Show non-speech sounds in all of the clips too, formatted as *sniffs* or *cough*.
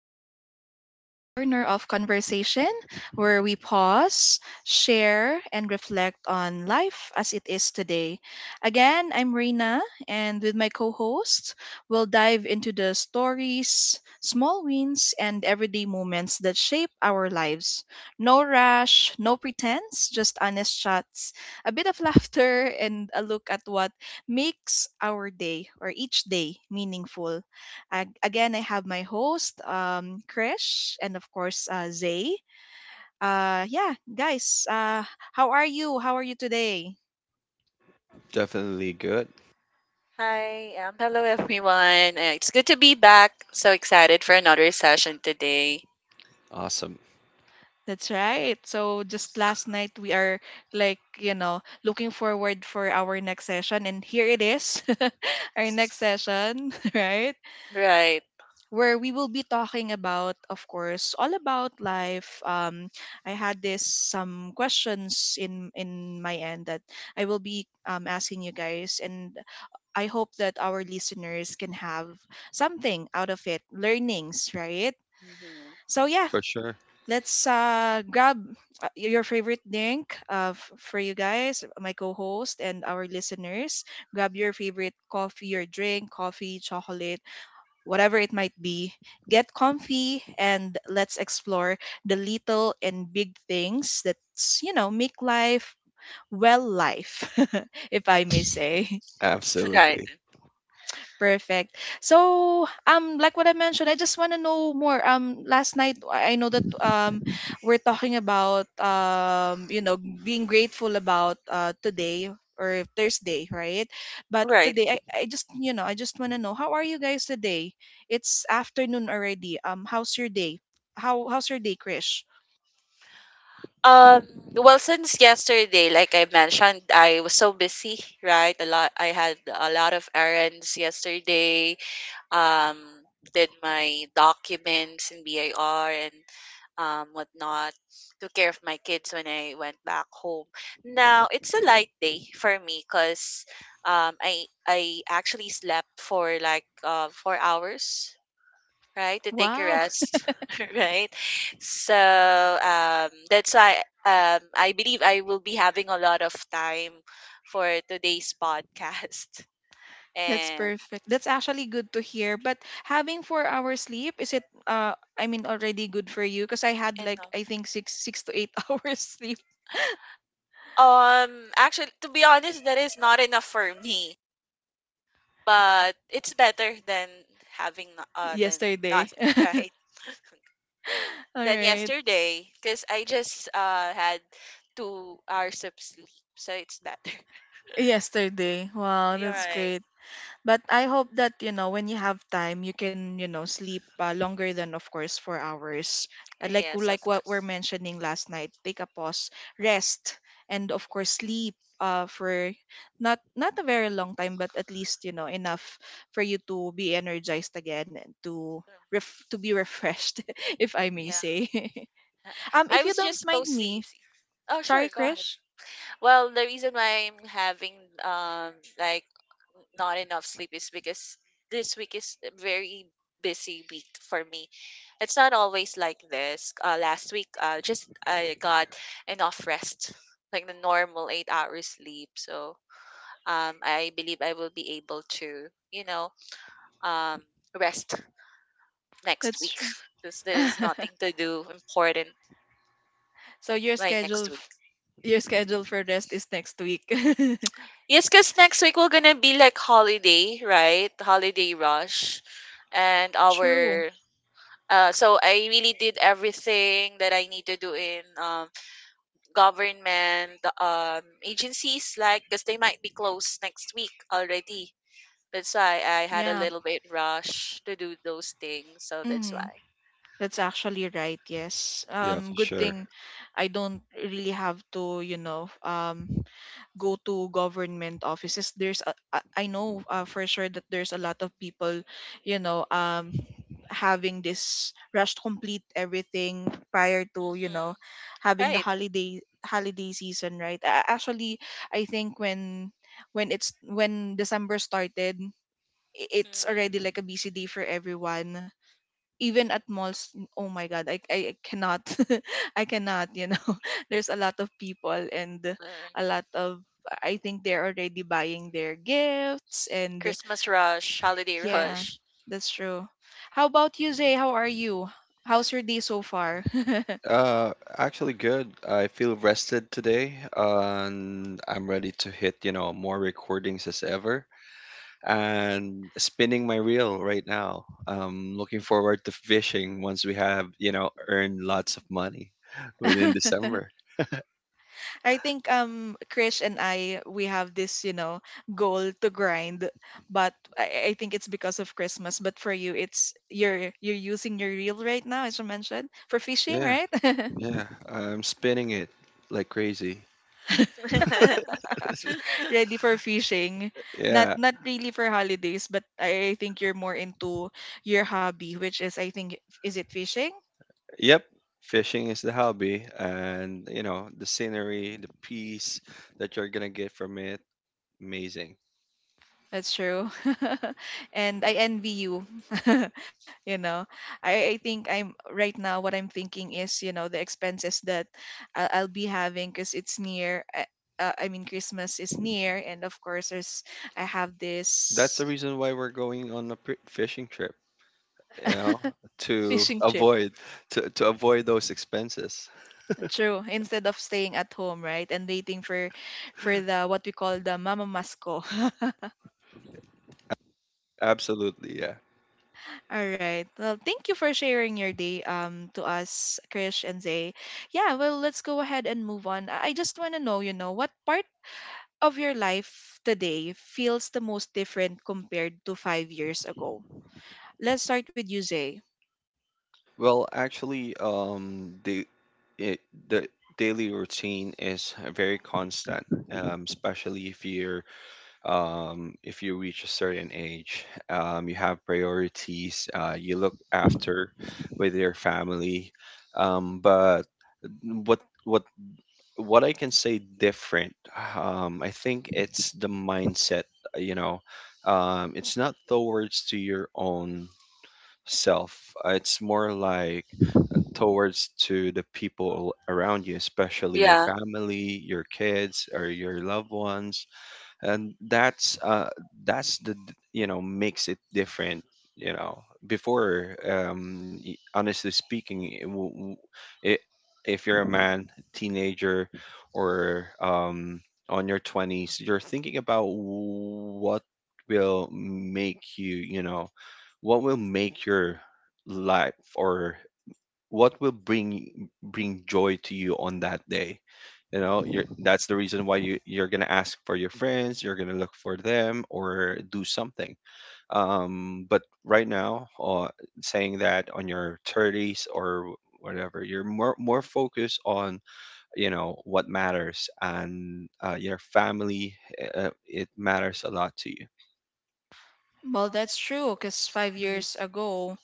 welcome to our little corner of conversation where we pause, share, and reflect on life as it is today. Again, I'm Reina, and with my co host, we'll dive into the stories, small wins, and everyday moments that shape our lives. No rush, no pretense, just honest chats, a bit of *laughs* laughter, and a look at what makes our day or each day meaningful. Again, I have my host, Krish, and of course, Zay. Yeah, guys, how are you? How are you today? Definitely good. Hello everyone. It's good to be back. So excited for another session today. Awesome. That's right. So just last night we are like, you know, looking forward for our next session and here it is. *laughs* Our next session, *laughs* right? Right. Where we will be talking about, of course, all about life. I had this some questions in my end that I will be asking you guys, and I hope that our listeners can have something out of it, learnings, right? Mhm. So yeah, For sure. let's grab your favorite drink, for you guys, my co-host and our listeners. Grab your favorite coffee, your drink, coffee, chocolate, whatever it might be. Get comfy, and let's explore the little and big things that's, you know, make life well life, *laughs* if I may say. Right. Absolutely. Perfect. So, like what I mentioned, I just want to know more. Last night I know that we're talking about, you know, being grateful about today or Thursday, right? But Right. today, I just, you know, I just want to know, how are you guys today? It's afternoon already. How's your day? How's your day, Krish? Um, well, since yesterday, like I mentioned, I was so busy, right? I had a lot of errands yesterday. Um, did my documents in BIR and whatnot, took care of my kids when I went back home. Now it's a light day for me because I actually slept for like 4 hours, right, to take a Wow. rest, *laughs* right. So that's why I believe I will be having a lot of time for today's podcast *laughs* That's and perfect. That's actually good to hear. But having 4 hours sleep, is it I mean already good for you? Because I had like I enough. think six to eight *laughs* hours sleep Um, Actually, to be honest, that is not enough for me. But it's better than having than yesterday. nothing, *laughs* *laughs* right? All Than right. yesterday, because I just had 2 hours of sleep, so it's better. Yesterday. Wow, *laughs* You're that's right. great. But I hope that, you know, when you have time, you can, you know, sleep longer than, of course, 4 hours. Uh, Like, Yes, of like what we're course. mentioning last night, take a pause, rest, and of course, sleep for not a very long time, but at least, you know, enough for you to be energized again and to Mhm. To be refreshed, *laughs* if I may Yeah. say. *laughs* Um, if I you was don't just both mind bossy. me, Oh, sure. sorry, Go ahead. Krish. Well, the reason why I'm having um like not enough sleep is because this week is a very busy week for me. It's not always like this. Last week, just I got enough rest, like the normal 8 hours sleep. So I believe I will be able to, you know, um, rest next That's week true. *laughs* because there's nothing *laughs* to do important So your by schedule next week. f- your schedule for rest is next week. *laughs* Yes, because next week we're gonna be like holiday, right? Holiday rush. And True. our so I really did everything that I need to do in government agencies, like because they might be closed next week already. That's why I had a Yeah. little bit rush to do those things, so that's why. Mhm. That's actually right. Yes. Yeah, Um, for good sure. thing I don't really have to, you know, go to government offices. There's I know, for sure that there's a lot of people, you know, having this rush to complete everything prior to, you Mm, know, having the right. holiday season, right? Actually, I think when it's when December started, it's already Mm, like a busy day for everyone, even at mm, malls. Oh my god, like, I cannot, *laughs* I cannot, you know, *laughs* there's a lot of people, and uh, a lot of, I think they're already buying their gifts, and Christmas rush, holiday yeah, rush. that's true. How about you, Zay? How are you? How's your day so far? *laughs* Uh, Actually good. I feel rested today, and I'm ready to hit, you know, more recordings as ever. And spinning my reel right now. I'm looking forward to fishing once we have, you know, earned lots of money *laughs* within December. I think, Krish and I, we have this, you know, goal to grind, but I think it's because of Christmas, but for you, it's you're using your reel right now, as you mentioned, for fishing, Yeah, right? *laughs* yeah. I'm spinning it like crazy. *laughs* *laughs* Ready for fishing. Not Yeah. not really for holidays, but I think you're more into your hobby, which is, I think, is it fishing? Yep, fishing is the hobby, and you know the scenery, the peace that you're gonna get from it, amazing. That's true. *laughs* And I envy you. *laughs* You know, I think I'm right now, what I'm thinking is, you know, the expenses that I'll be having because it's near. I mean, Christmas is near, and of course, there's I have That's this the reason why we're going on a fishing trip, you know, fishing. to avoid to avoid those expenses. True. Instead of staying at home, right, and waiting for the what we call the mama masko. *laughs* Absolutely, yeah. All right. Well, thank you for sharing your day to us, Krish and Zay. Yeah. Well, let's go ahead and move on. I just want to know, you know, what part of your life today feels the most different compared to 5 years ago? Let's start with you, Zay. Well, actually, it, the daily routine is very constant, especially if you're if you reach a certain age, you have priorities, you look after with your family. But what what what I can say different, I think it's the mindset. uh, You know, it's not towards to your own self. It's more like towards to the people around you, especially your Yeah. family, your kids, or your loved ones, and that's the makes it different. You know, honestly speaking, it, w- w- I- if you're a man, teenager, or on your 20s, you're thinking about what will make you, you know what will make your life, or what will bring joy to you on that day. You know you're That's the reason why you're gonna ask for your friends, you're gonna look for them or do something. But right now, saying that on your 30s or whatever, you're more focused on, you know, what matters, and your family. It matters a lot to you. Well, that's true. Cause five Mhm. years ago,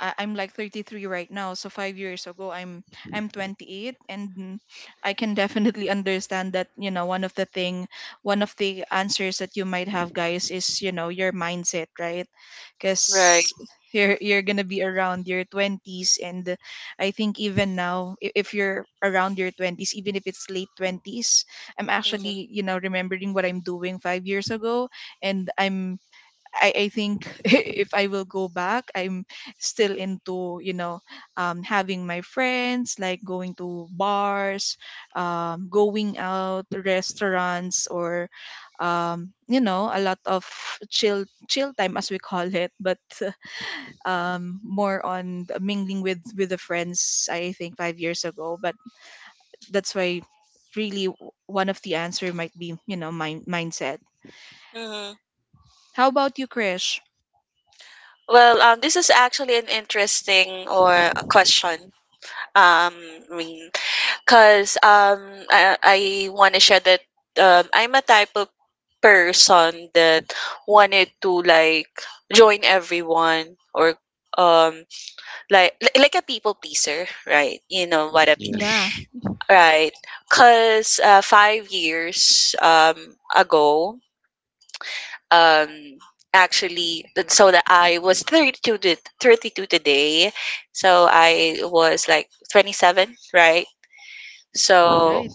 I'm like 33 right now. So 5 years ago, I'm 28, and I can definitely *laughs* understand that. You know, one of the thing, one of the answers that you might have, guys, is, you know, your mindset, right? Right. Cause you're gonna be around your 20s, and I think even now, if you're around your 20s, even if it's late 20s, I'm actually, you know, remembering what I'm doing 5 years ago, and I think *laughs* if I will go back, I'm still into, you know, having my friends, like going to bars, going out, restaurants, or, you know, a lot of chill time as we call it, but *laughs* more on the mingling with the friends, I think 5 years ago. But that's why really, one of the answer might be, you know, mindset. Mhm. How about you, Krish? Well, this is actually an interesting or a question. Um, I mean, cause I want to share that I'm a type of person that wanted to like join everyone or um like a people pleaser, right? You know what I mean, Yeah, Yeah, right? Cause 5 years ago, um actually so that I was 32 to 32 today, so I was like 27, right. So right.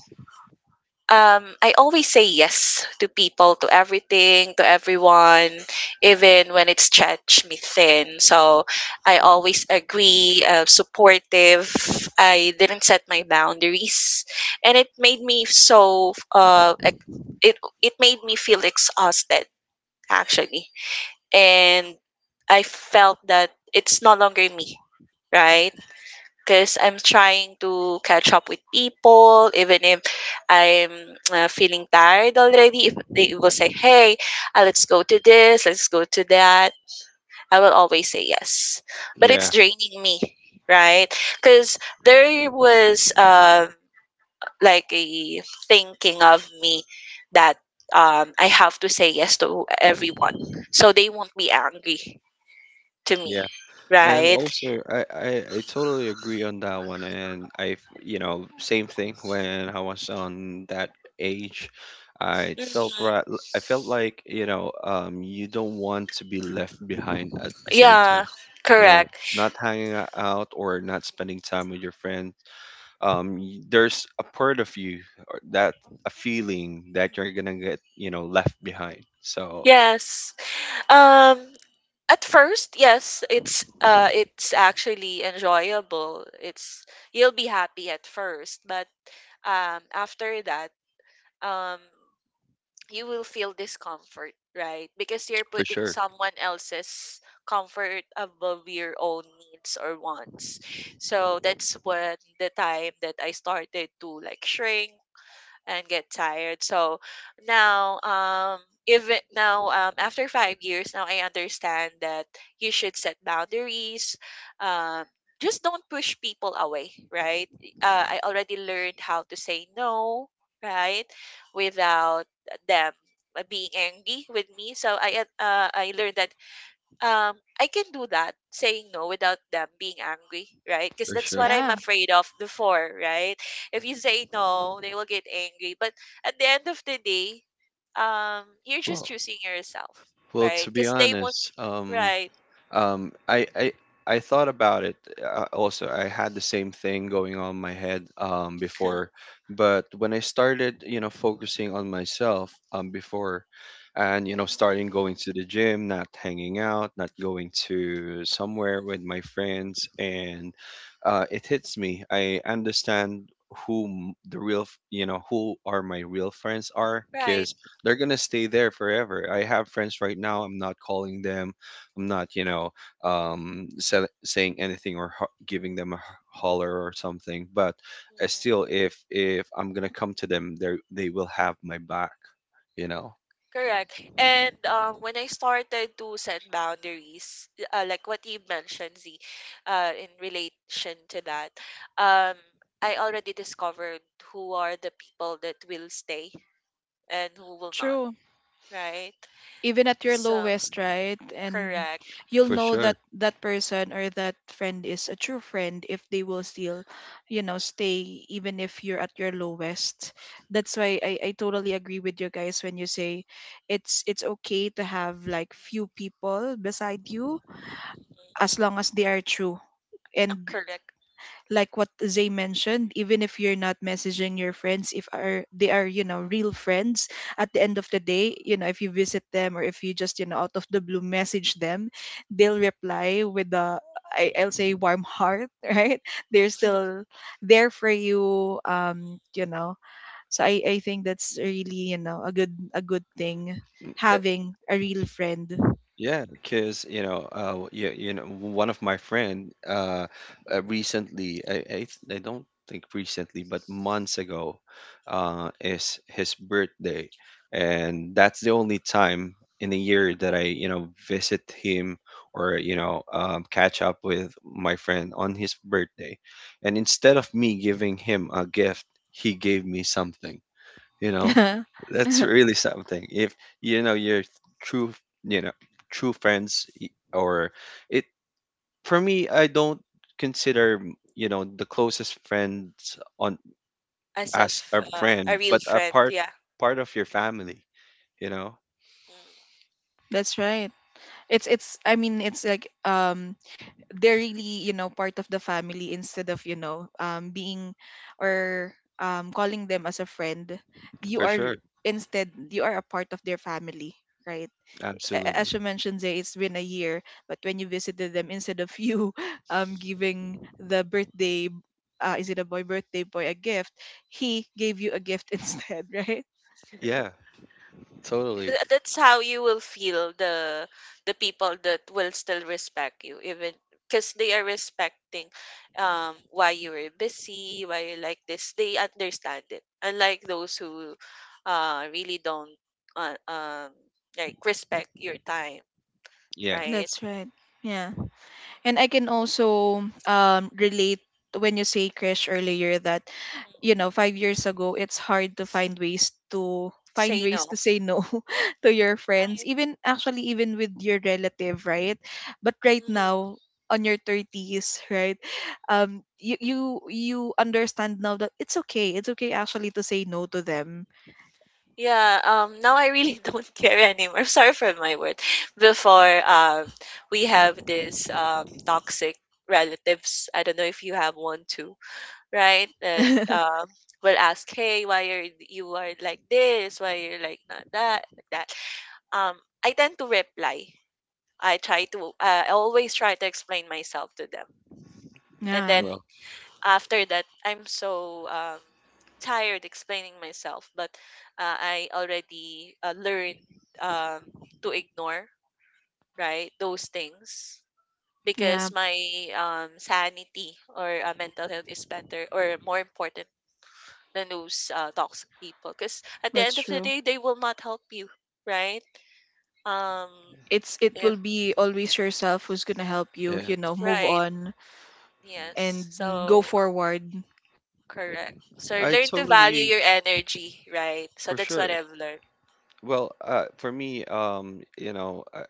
I always say yes to people, to everything, to everyone even when it stretch me thin. So I always agree, supportive, I didn't set my boundaries, and it made me so it it made me feel exhausted actually, and I felt that it's no longer me, right? Because I'm trying to catch up with people, even if I'm feeling tired already. If they will say, "Hey, let's go to this, let's go to that," I will always say yes. But it's yeah, draining me, right? Because there was like a thinking of me that I have to say yes to everyone, so they won't be angry to me, yeah. And right? also, I totally agree on that one. And I, same thing when I was on that age, I felt Mhm. right. I felt like you don't want to be left behind at the same Yeah, time. You know, correct. Not hanging out, or not spending time with your friends. There's a part of you, or that a feeling that you're gonna get, you know, left behind. So Yes. Um, at first, yes, it's actually enjoyable. It's you'll be happy at first, but after that, um you will feel discomfort, right? Because you're for putting sure, someone else's comfort above your own needs or wants. So that's when the time that I started to like shrink and get tired. So now, even now, after 5 years, now I understand that you should set boundaries. Um, just don't push people away, right? I already learned how to say no, right, without them being angry with me. So I learned that um, I can do that, saying no without them being angry, right? Because for that's sure. what I'm Yeah. afraid of before, right? If you say no, they will get angry. But at the end of the day, you're just Well, choosing yourself, well, right? to be Because they won't, honest. right? Um, I, I I thought about it. Also, I had the same thing going on in my head before, *laughs* but when I started, focusing on myself before, and starting going to the gym, not hanging out, not going to Mm. Mm. somewhere with my friends, and it hits me. I understand the real, who are my real friends are, Right. because they're gonna stay there forever. I have friends right now. I'm not, sell saying anything, or giving them a holler or something. But Mm. still, if I'm gonna come to them, they will have my back, you know, Correct. And when I started to set boundaries, like what you mentioned, Z, in relation to that, um, I already discovered who are the people that will stay and who will not, True. right? Even at your So, lowest, right? And correct. you'll for know sure. that that person or that friend is a true friend if they will still, you know, stay even if you're at your lowest. That's why I totally agree with you guys when you say it's okay to have like few people beside you Mm, as long as they are true. And correct. like what Zay mentioned, even if you're not messaging your friends, if are they are, you know, real friends, at the end of the day, you know, if you visit them, or if you just, you know, out of the blue message them, they'll reply with a I'll say warm heart, *laughs* right? They're still there for you. You know. So I think that's really, you know, a good, a good thing Mm, having a real friend. yeah, because one of my friend recently, I don't think recently, but months ago, is his birthday, and that's the only time in a year that I, visit him, or catch up with my friend on his birthday, and instead of me giving him a gift, he gave me something, you know. *laughs* That's really something. If you know your true, you know true friends, y- or it for me, I don't consider the closest friends on *laughs* As of as a A friend, real but a friend, yeah. part of your family, you know. Mm. That's right. It's, I mean, it's like, they're really, you know, part of the family instead of, you know, being or calling them as a friend, you For are, sure. instead you are a part of their family, right? As Absolutely. you mentioned, Zay, it's been a year, but when you visited them, instead of you *laughs* giving the birthday, is it a boy birthday boy a gift, he gave you a gift *laughs* instead, right? Yeah, totally. That's how you will feel the people that will still respect you, even because they are respecting why you were busy, why you like this. They understand it, unlike those who really don't uh, um like respect your time, Yeah. right. That's right. Yeah. And I can also relate when you say crash earlier that, you Mm, know, 5 years ago, it's hard to find ways to find say ways no, to say no *laughs* to your friends, right. even actually even with your relative, right? But right Mm. now, on your 30s, right, you you understand now that it's okay, it's okay actually to say no to them. Yeah, now I really *laughs* don't care anymore. I'm sorry for my word. Before, we have this toxic relatives. I don't know if you have one too, right? That *laughs* um will ask, "Hey, why are you are like this? Why you're like not that, like that?" Um, I tend to reply. I try to. I always try to explain myself to them, and Yeah. then Well, after that I'm so tired explaining myself, but I already learned um, to ignore, right, those things, Yeah, because my sanity or mental health is better or more important than those toxic people, because at the that's end of the true. day they will not help you, right. um It's it if, will be always yourself who's gonna help you, you yeah. know, move right, on yes. and go So forward. correct. So I learn to value totally. your energy, right. So For that's what sure. I've learned. Well, for me,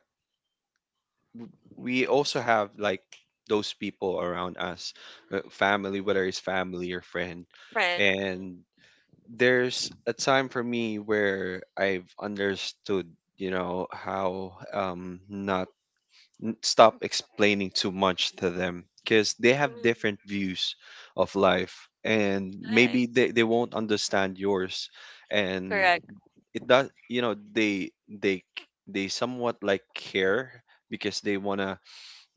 we also have like those people around us, family, whether it's family or friend. Friend. And there's a time for me where I've understood, how not stop explaining too much to them, because they Mm. have Mm. different views of life, and Right. maybe they won't understand yours. And Correct. it does, they they somewhat like care, because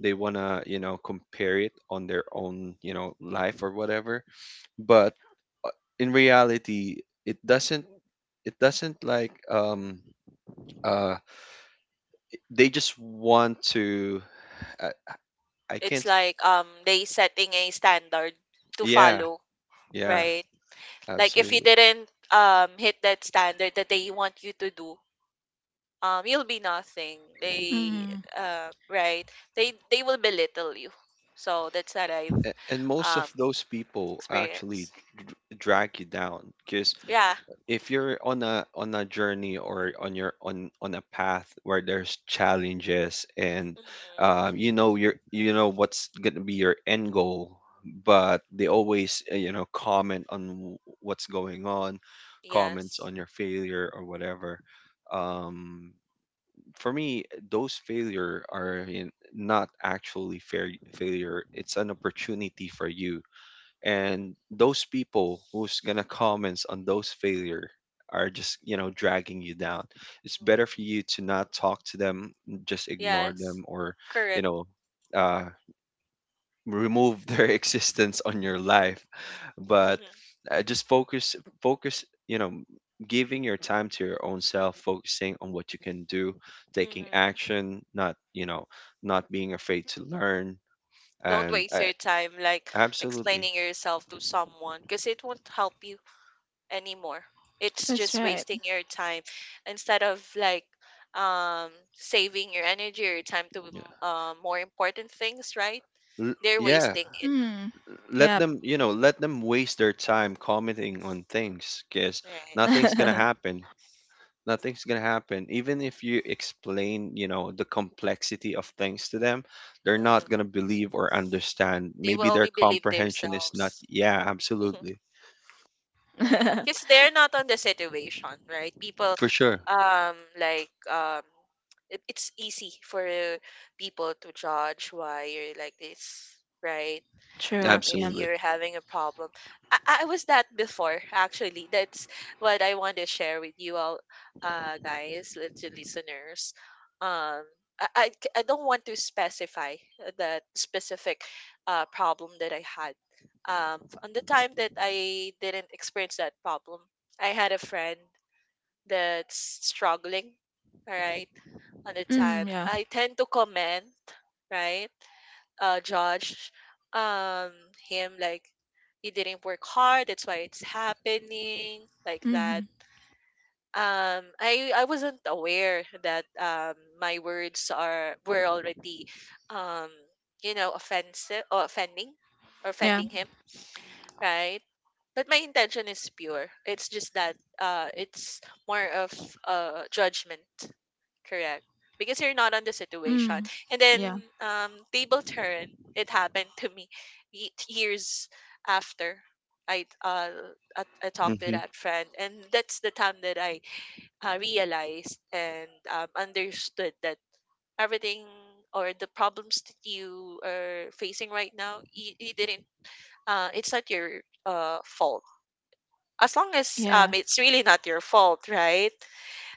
they want to, compare it on their own, you know, life or whatever. But in reality, it doesn't it doesn't like, uh they just want to, i, I It's can't. like they setting a standard to Yeah, follow, yeah, right? Like if you absolutely. didn't hit that standard that they want you to do, you'll be nothing. They Mm, right. They will belittle you. So that's what I've And most of um those people actually experienced. drag you down. Because Yeah. if you're on a journey, or on your, on a path where there's challenges and, Mm. you know, you know what's gonna be your end goal, but they always comment on what's going on, comments Yes. on your failure or whatever. um, for me, those failure are in, not actually fair failure, it's an opportunity for you. Mhm. And those people who's gonna comments on those failure are just, you know, dragging you down. It's better for Mhm. you to not talk to them, just ignore Yes. them, or you Correct. know uh, remove *laughs* their existence on your life. But *laughs* just focus, you know, giving your time to your own self, focusing on what you can do, taking Mhm. action, not, not being afraid to learn, Don't and waste I, your time like absolutely. explaining yourself to someone because it won't help you anymore. It's that's just right. wasting your time instead of like saving your energy or your time to Yeah. More important things, right? They're Yeah, wasting it, Mm, yep. Let them waste their time commenting on things, because right? nothing's gonna happen nothing's gonna happen even if you explain, you know, the complexity of things to them. They're not gonna Mm. believe or understand. They will Maybe their only believe comprehension is not. themselves. Yeah, *laughs* absolutely. Right? Because *laughs* they're not on the situation, right? People, For sure. Like it's easy for people to judge why you're like this, right? True. If Yeah. Absolutely. you're having a problem. I was that before, actually. That's what I want to share with you all, guys, to listeners. Um, I don't want to specify the specific problem that I had. On the time that I didn't experience that problem, I had a friend that's struggling, all right, on the time. Mm, yeah. I tend to comment, right? Judge um him, like he didn't work hard, that's why it's happening like that. Mm, I wasn't aware that my words are were already um offensive or offending or yeah. offending him, right? But my intention is pure. It's just that it's more of judgment, correct? Because you're not on the situation. Mm, And then yeah. Table turn, it happened to me years after. I I talked to Hmm. that friend, and that's the time that I realized and understood that everything or the problems that you are facing right now, you didn't it's not your fault. As long as Yeah. it's really not your fault, right?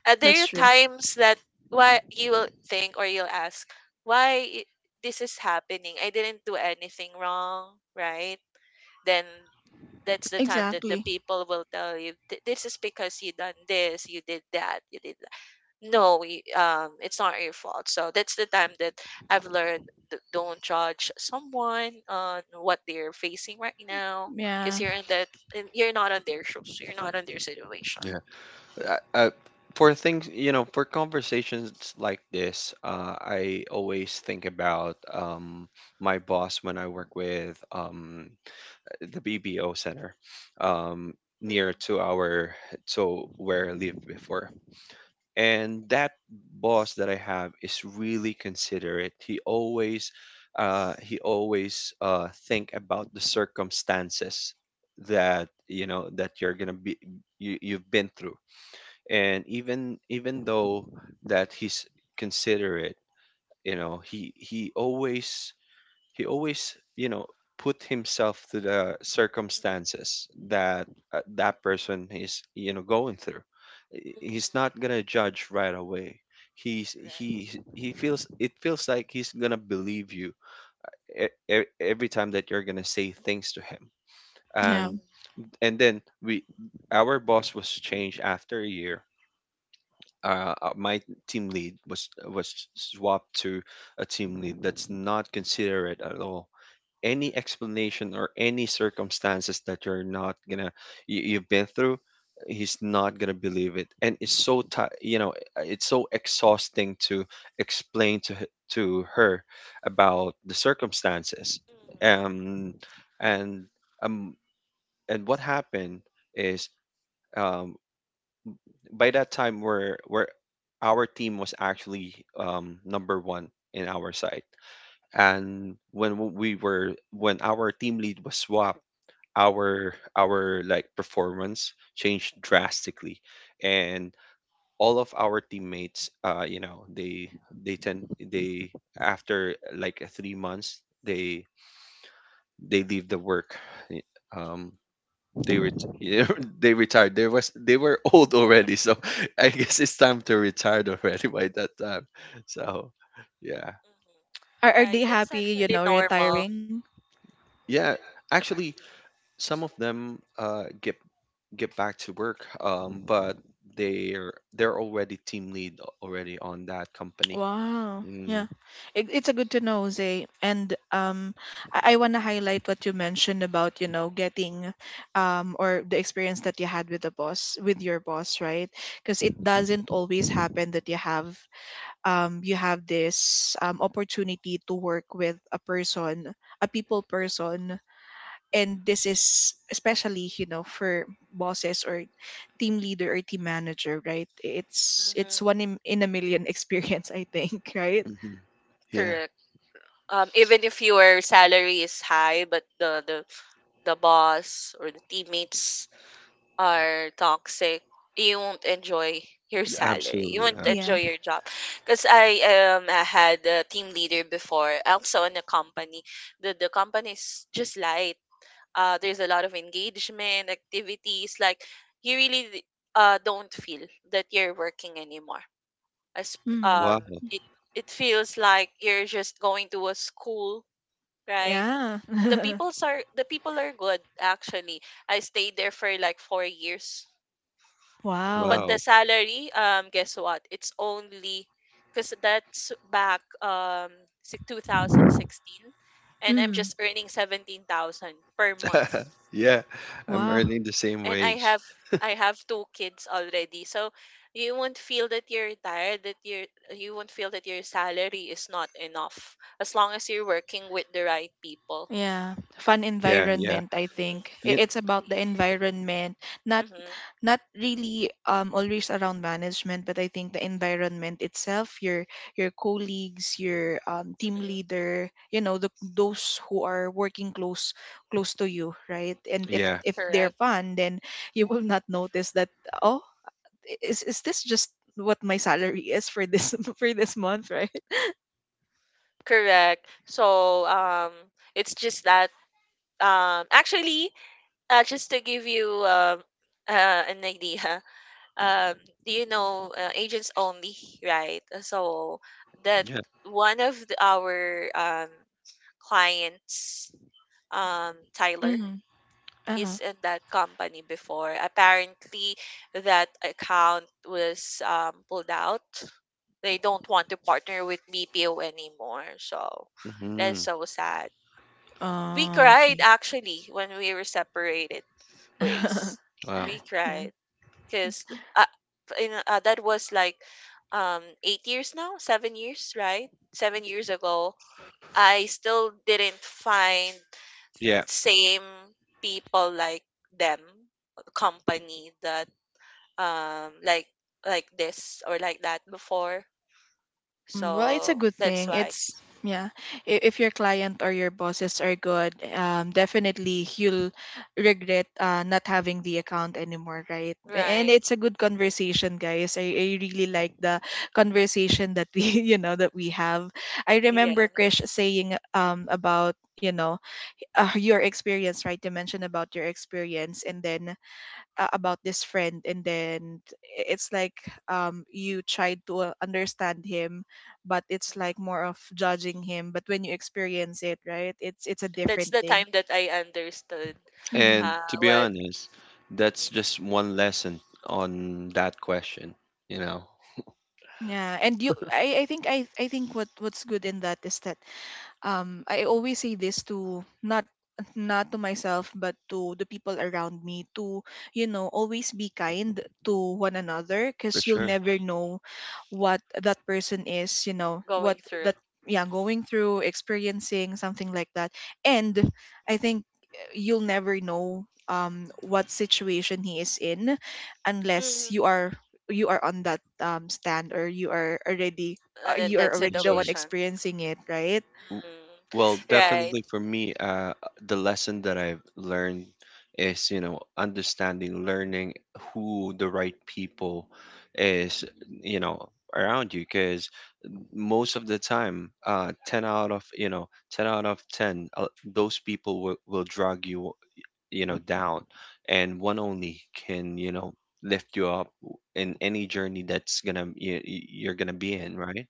That's There are true. times that why you will think or you'll ask, why this is happening? I didn't do anything wrong, right? Then that's the time that the Exactly. people will tell you, This is because you done this, you did that, you did no, we, it's not your fault, so that's the time that I've learned, don't judge someone on what they're facing right now, because Yeah. you're you're not on their shoes, you're not on their situation." Yeah. Uh, I, for things, you know, for conversations like this, I always think about, my boss when I work with, the BBO Center, um, Mm. near to our, to where I lived before. And that boss that I have is really considerate. He always think about the circumstances that, you know, that you're gonna be, you've been through. And even though that he's considerate, you know, he always, you know, put himself to the circumstances that, that person is, you know, going through. Mm. He's not gonna judge right away. he's he Right. he feels, it feels like he's gonna believe you every time that you're gonna say things to him. Yeah. Mm, and and then, we our boss was changed after a year. My team lead was swapped to a team lead that's not considerate at all. Any explanation or any circumstances that you're not gonna, you've been through, he's not gonna believe it. And it's so ti you know it's so exhausting to explain to to her about the mm, circumstances. mhm. um and um and what happened is, um by that time, we're our team was actually, number one in our side. And when w- we were when our team lead was swapped, our, like, performance changed drastically. And all of our teammates, they tend they after like 3 months, they leave the work. Y- um *laughs* yeah, they retired. There was They were *laughs* old already, so *laughs* I guess it's time to retire already by that time, so yeah. Are they Right, that's happy, you actually know, normal. retiring? Yeah. Actually, some of them get back to work, but they're already team lead already on that company. Wow. Mm-hmm. Yeah. It, it's a good to know, Zay. And I wanna highlight what you mentioned about, you know, getting or the experience that you had with the boss, with your boss, right? Because it doesn't always happen that you have this opportunity to work with a person, a people person, and this is especially, you know, for bosses or team leader or team manager, right? It's Hmm. one in a million *laughs* experience, I think, right? Yeah, Correct. Even if your salary is high, but the boss or the teammates are toxic, you won't enjoy your salary. You absolutely, won't Yeah. absolutely. enjoy your job. Because I had a team leader before, also in a company. The company is just light. There's a lot of engagement activities. Like you really don't feel that you're working anymore. As Mm. um Wow, it it feels like you're just going to a school, right? Yeah. The *laughs* people's are the people are good, actually. I stayed there for like 4 years, but Wow. the wow. salary, guess what? It's only because that's back 2016, and I'm Mm. just earning 17,000 per month, *laughs* Yeah, I'm Wow. earning the same and I wage. have I have two kids already, so you won't feel that you're tired, that you won't feel that your salary is not enough, as long as you're working with the right people. Yeah, fun Yeah, yeah, environment, I think. yeah, It's about the environment, not Mm-hmm. Mm-hmm. not really, always around management, but I think the environment itself, your colleagues, your, team Mm-hmm. leader, you know, the those who are working close, close to you, right? And yeah, Mm-hmm. if they're Correct. fun, then you will not notice that, oh, is this just what my salary is for this *laughs* for this month. *laughs* Right. Correct. So it's just that actually just to give you an idea. *laughs* um do you know agents only, right? So that yeah. one of our clients, Tyler, Mm. he's Uh-huh. in that company before. Apparently that account was pulled out. They don't want to partner with BPO anymore, so that's Hmm. so sad. We Oh, cried okay. actually when we were separated ways. *laughs* We Wow. Yeah. cried because uh, that was like 8 years now, 7 years, right? 7 years ago, I still didn't find Yeah, same people like them, company that um like like this or like that before. Mm, well, it's a So good that's thing. why. It's yeah. If your client or your bosses are good, definitely you'll regret, not having the account anymore, right? Mm. And Right. it's a good conversation, guys. I really like the conversation that we *laughs* you know that we have. I Yes. remember Krish saying about, you know, your experience, right? You mentioned about your experience, and then about this friend. And then it's like, you tried to understand him, but it's like more of judging him. But when you experience it, right, it's a That's different the thing. time that I understood Hmm. and to uh be what honest, mm, that's just one lesson on that question, you know. Yeah. And you I think what's good in that is that I always say this to not, not to myself but to the people around me, to, you know, always be kind to one another, because For you'll sure. mhm, never know what that person is, you know, what going through. that, yeah, going through, experiencing something like that. And I think you'll never know what situation he is in unless you Hmm. are, you are on that stand, or you are already, And Yeah. then you are that already That's the one right. situation. experiencing it, right? W- Mm, Well, right. definitely for me, the lesson that I've learned is, you know, understanding, learning who the right people is, you know, around you. Because most of the time, 10 out of, you know, 10 out of 10, those people will drag you, you know, down. And one only can, you know, lift you up in any journey that's gonna you're gonna be in, right?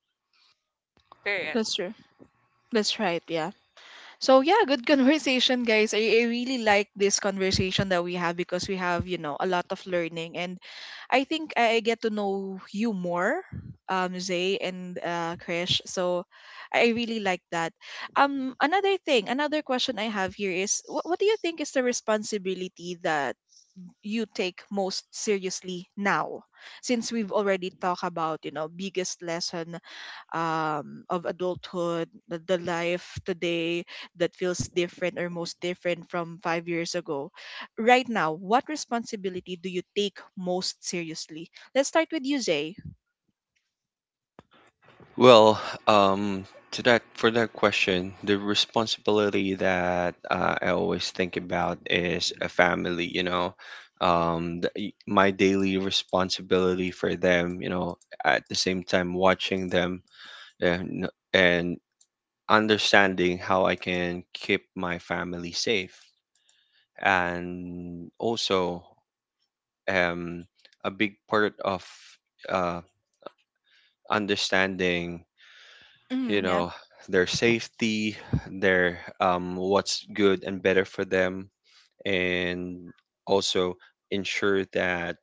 Correct. That's true. That's right. Yeah. So yeah, good conversation, guys. I really like this conversation that we have, because we have, you know, a lot of learning. And I think I get to know you more, Zay, and Krish. So I really like that. Another thing, another question I have here is, what do you think is the responsibility that you take most seriously now, since we've already talked about, you know, biggest lesson, of adulthood, the life today that feels different or most different from 5 years ago. Right now, what responsibility do you take most seriously? Let's start with you, Zay. Well, um, to that for that question, the responsibility that I always think about is a family. You know, my daily responsibility for them. You know, at the same time watching them and understanding how I can keep my family safe, and also um, a big part of uh, understanding you Mm, yeah, know their safety, their what's good and better for them, and also ensure that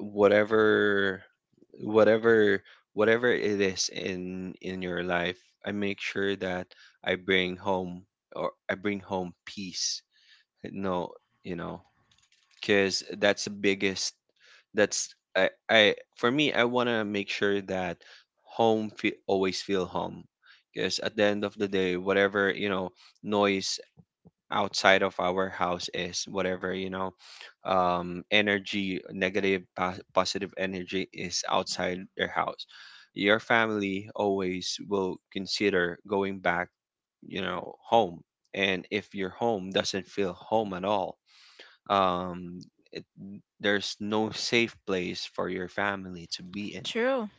whatever whatever whatever it is in your life. I make sure that I bring home, or I bring home peace. No, you know because that's the biggest, that's I for me, I want to make sure that home fe always feel home, because at the end of the day, whatever, noise outside of our house is whatever, energy, negative positive energy is outside your house, your family always will consider going back, home. And if your home doesn't feel home at all, um it, there's no safe place for your family to be in. true.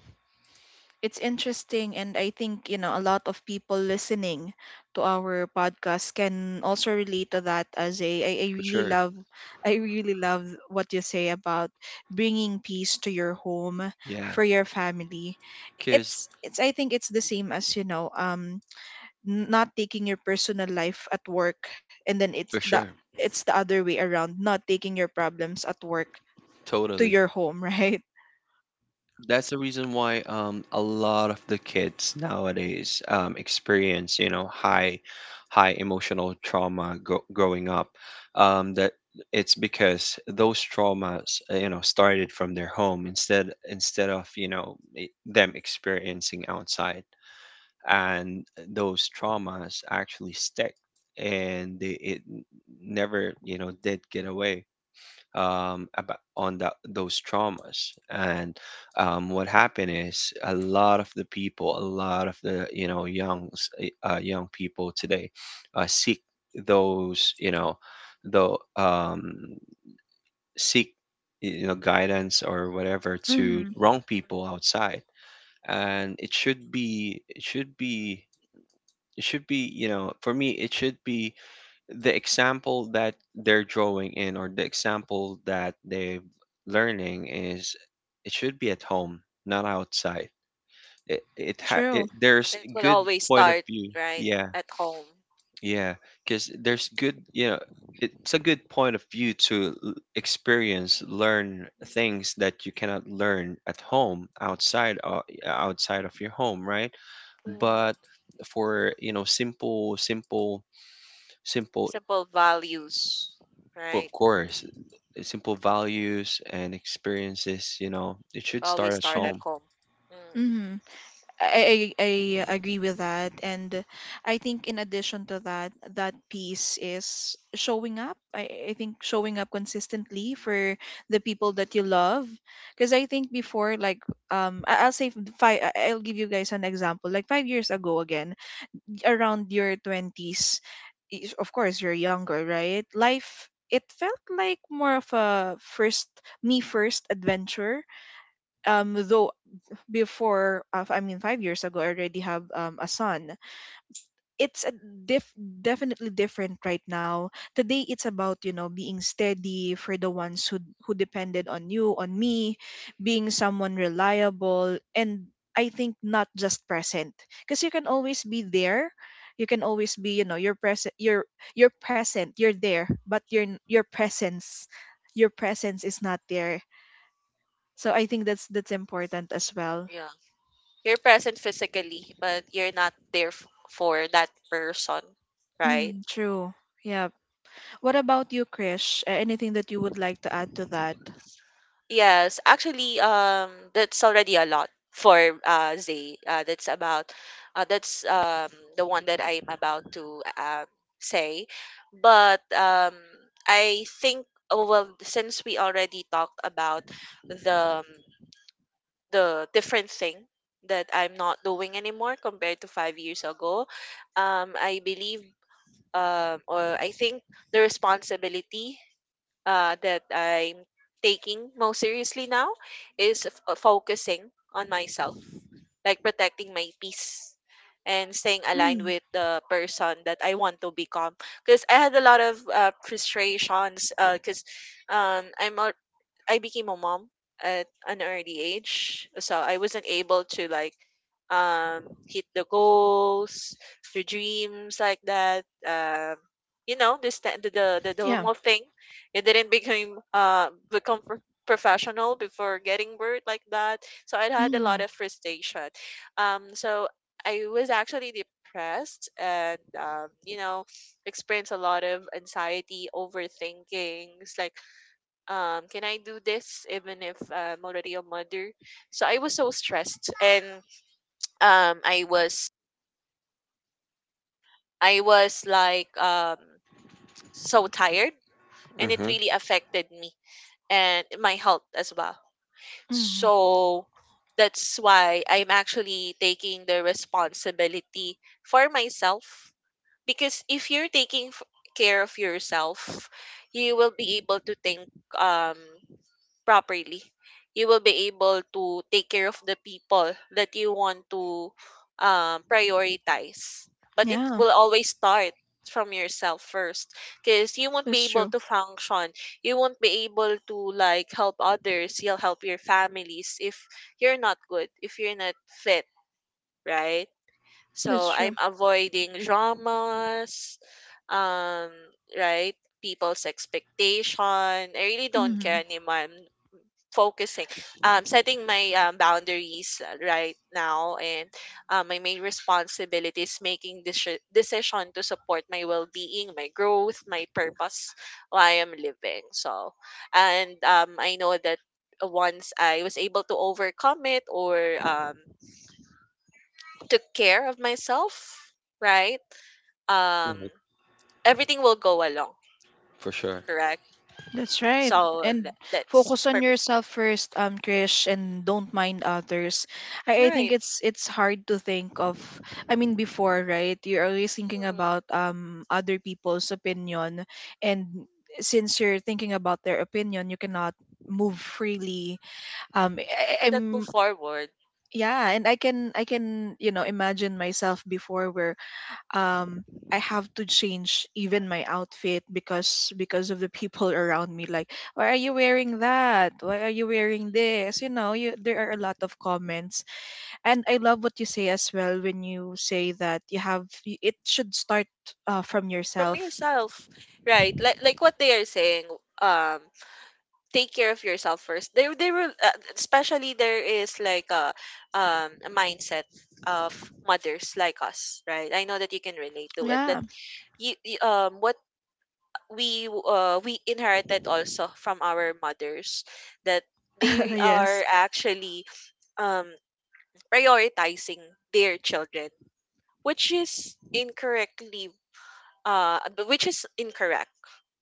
It's interesting, and I think, you know, a lot of people listening to our podcast can also relate to that. I For really sure. love, I really love what you say about bringing peace to your home Yeah. for your family. Kids. It's it's i think it's the same as, you know, not taking your personal life at work, and then it's For the, sure. it's the other way around. Not taking your problems at work to Totally. your home, *laughs* right? That's the reason why a lot of the kids nowadays experience, you know, high emotional trauma growing up. That It's because those traumas, you know, started from their home instead of, you know, them experiencing outside. And those traumas actually stick and it never, you know, did get away, about on that, those traumas. And what happened is a lot of the people, a lot of the, you know, young people today seek those, you know, the um seek, you know, guidance or whatever to Mm-hmm. wrong people outside. And it should be it should be, you know, for me, it should be the example that they're drawing in, or the example that they're learning is it should be at home, not outside. It, ha- it True. There's It will good always point of start view. right Yeah. at home. Yeah. Because there's good, you know, it's a good point of view to experience, learn things that you cannot learn at home, outside outside of your home, right? But, Mm. for you know, simple. Simple values, Of right? course, simple values and experiences, you know, it should Always start at start True. at home. home. Mm, Mm-hmm. I agree with that. And I think in addition to that, that piece is showing up. I think showing up consistently for the people that you love, because I think before, like, I'll say five. I'll give you guys an example. Like 5 years ago, again, around your twenties, is, of course, you're younger, right? Life, it felt like more of a first, me first adventure. Though before, I mean, 5 years ago I already have, a son. It's a definitely different right now. Today it's about, you know, being steady for the ones who depended on you, on me, being someone reliable. And I think not just present, because you can always be there, you can always be, you know, you're present, you're present, you're there, but your your presence, your presence is not there. So I think that's important as well. yeah. You're present physically, but you're not there for that person, right? Mm, true. Yeah. What about you, Krish? Anything that you would like to add to that? Yes, actually, that's already a lot for Zay. That's about, that's the one that I'm about to say. But I think, oh, well, since we already talked about the the different thing that I'm not doing anymore compared to 5 years ago, um, I believe, or I think the responsibility that I'm taking most seriously now is focusing on myself, like protecting my peace and staying aligned Mm, with the person that I want to become. Because I had a lot of frustrations because um, I'm al- I became a mom at an early age, so I wasn't able to like um hit the goals, the dreams, like that. You know, this the, sta- the yeah. normal thing. It didn't become pro- professional before getting birth, like that. So I had a lot Mm. of frustration. So I was actually depressed and, you know, experienced a lot of anxiety, overthinkings, like, can I do this even if I'm already a mother? So I was so stressed and, um, I was I was like so tired, and it Hmm. really affected me and my health as well. Mm, So that's why I'm actually taking the responsibility for myself, because if you're taking care of yourself, you will be able to think um properly, you will be able to take care of the people that you want to prioritize. But it yeah, will always start from yourself first, because you won't that's be able true. to function. You won't be able to like help others. You'll help your families if you're not good, if you're not fit, right? That's So I'm true. avoiding dramas, um, right? People's expectation, I really don't Mm, care anymore. I'm focusing, setting my boundaries right now, and my main responsibility is making this decision to support my well-being, my growth, my purpose why I'm living. So, and I know that once I was able to overcome it, or um, took care of myself, right, um, everything will go along. For sure. Correct. that's right. So And that's focus for on me. yourself first, Krish, and don't mind others. I think Right. it's hard to think of. I mean, before, right? You're always thinking Mm. about other people's opinion. And since you're thinking about their opinion, you cannot move freely. You I, cannot move I'm forward Yeah. And I can, I can, you know, imagine myself before where um I have to change even my outfit, because of the people *laughs* around me, like, why are you wearing that? Why are you wearing this? You know, you, there are a lot of comments. And I love what you say as well when you say that you have, it should start, from from yourself. yourself, right? Like what they are saying, um take care of yourself first. They will, especially, there is like a mindset of mothers like us, right? I know that you can relate to it, that Yeah. What we, we inherited also from our mothers, that *laughs* they are yes. actually, um prioritizing their children, which is incorrectly, but which is incorrect,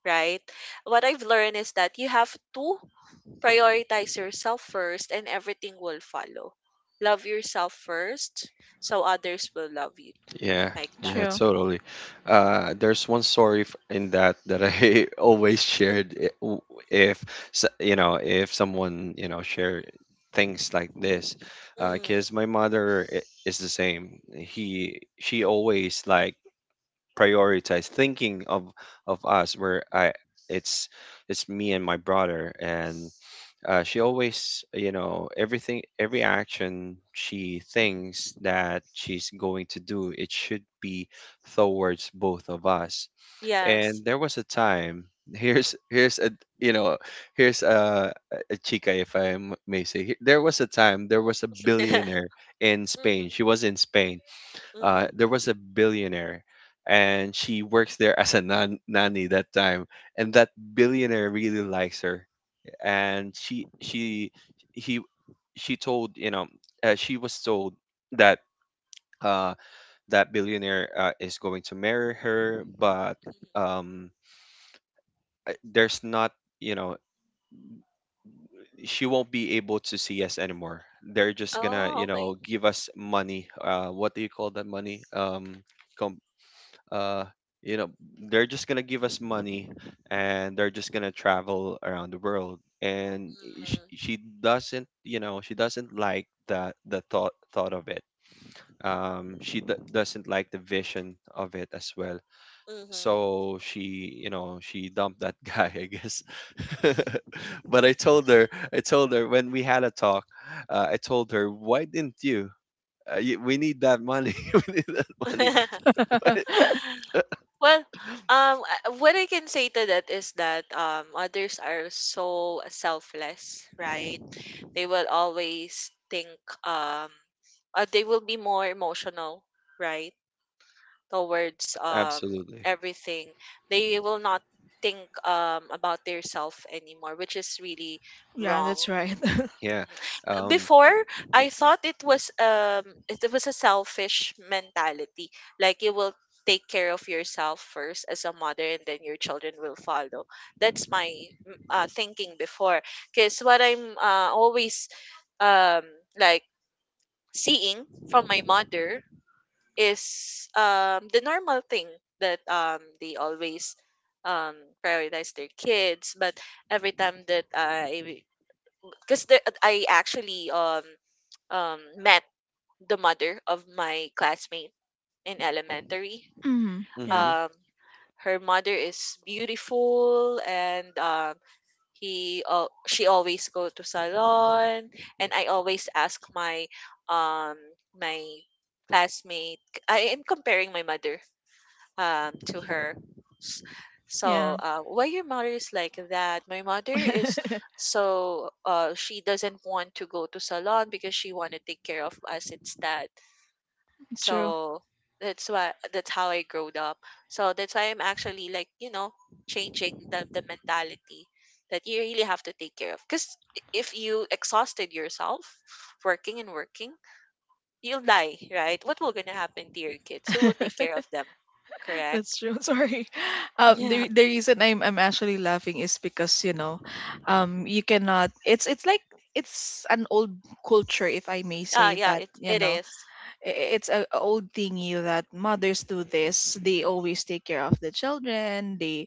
right? What I've learned is that you have to prioritize yourself first and everything will follow. Love yourself first so others will love you, Yeah, like that. yeah, True. totally. There's one story in that that I *laughs* always shared. If, you know, if someone, you know, share things like this, Mm, because my mother is the same. He She always like prioritize thinking of us, where I it's it's me and my brother. And she always, you know, everything, every action she thinks that she's going to do, it should be towards both of us. yes. And there was a time, *laughs* here's, here's a you know, here's a chica, if I m- may say. Here- there was a time, there was a *laughs* billionaire in Spain. She Mm-hmm. was in Spain. There Mm-hmm. was a billionaire, and she works there as a nanny that time. And that billionaire really likes her. And she he she told, you know, she was told that, uh that billionaire, is going to marry her. But um there's not, you know, she won't be able to see us anymore. They're just gonna, Oh, you okay. know, give us money. Uh, what do you call that money? Uh you know, they're just gonna give us money, and they're just gonna travel around the world. And she doesn't, you know, she doesn't like the thought of it. She doesn't like the vision of it as well. Mm. So she, you know, she dumped that *laughs* guy, I guess. *laughs* But I told her when we had a talk, I told her, why didn't you, we need that money. *laughs* We need that money. Mm-hmm. *laughs* *laughs* Well, I- what I can say to that is that, others are so selfless, right? They will always think, um, they will be more emotional, right? Towards Absolutely. everything, they will not think about their self anymore, which is really yeah, wrong. that's right. Yeah. Um. Before, I thought it was a selfish mentality. Like you will take care of yourself first as a mother and then your children will follow. That's my thinking before, because what I'm always um like seeing from my mother is the normal thing, that they always um prioritize their kids. But every time that I actually met the mother of my classmate in elementary. *laughs* hmm. Yeah. Mm-hmm. Um, her mother is beautiful, and, he she always go to salon, and I always ask my um my classmate. I am comparing my mother to her. S- Yeah. So, why your mother is like that? My mother is so, she doesn't want to go to salon because she want to take care of us instead. *laughs* True. So that's why, that's how I growed up. So that's why I'm actually like, you know, changing the mentality that you really have to take care of. Because if you exhausted yourself working and working, you'll die, right? What will gonna happen to your kids? Who will take *laughs* care of them? Correct? That's true. *laughs* Sorry. Yeah. The reason I'm actually laughing is because, you know, you cannot. It's like, it's an old culture, if I may Ah, say yeah, that. it You it know, is. I- it's a old thingy that mothers do this. They always take care of the children. They,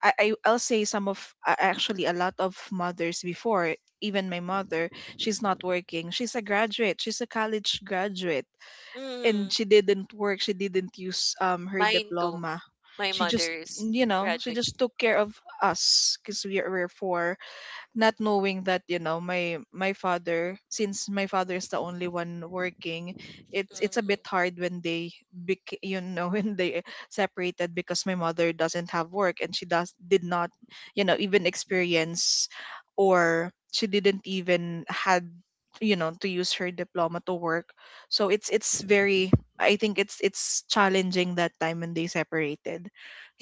I'll say some of, actually a lot of mothers before. Even my mother, she's not working. She's a graduate. She's a college graduate, and Mhm. she didn't work, she didn't use her Mine too. diploma. My She just, mother's you know, she graduate. just took care of us, because we were four. Not knowing that, you know, my father, since my father is the only one working, it's a Mhm. bit hard when they you know, *laughs* when they separated, because my mother doesn't have work, and she does, did not, you know, even experience, or she didn't even had, you know, to use her diploma to work. So it's very, I think it's challenging that time when they separated.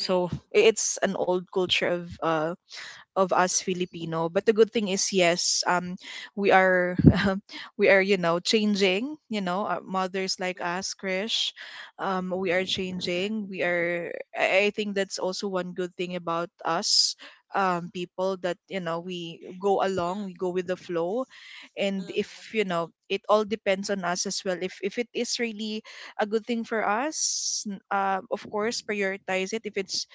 So, it's an old culture of, of us Filipino. But the good thing is, yes, we are, *laughs* we are, you know, changing. You know, mothers like us, Mhm. Krish, we are Correct. changing. We are. I think that's also one good thing about us. People that, you know, we go along, we Mhm. go with the flow. And Mhm. if, you know, it all depends on us as well, if it is really a good thing for us, of course prioritize it, if it's,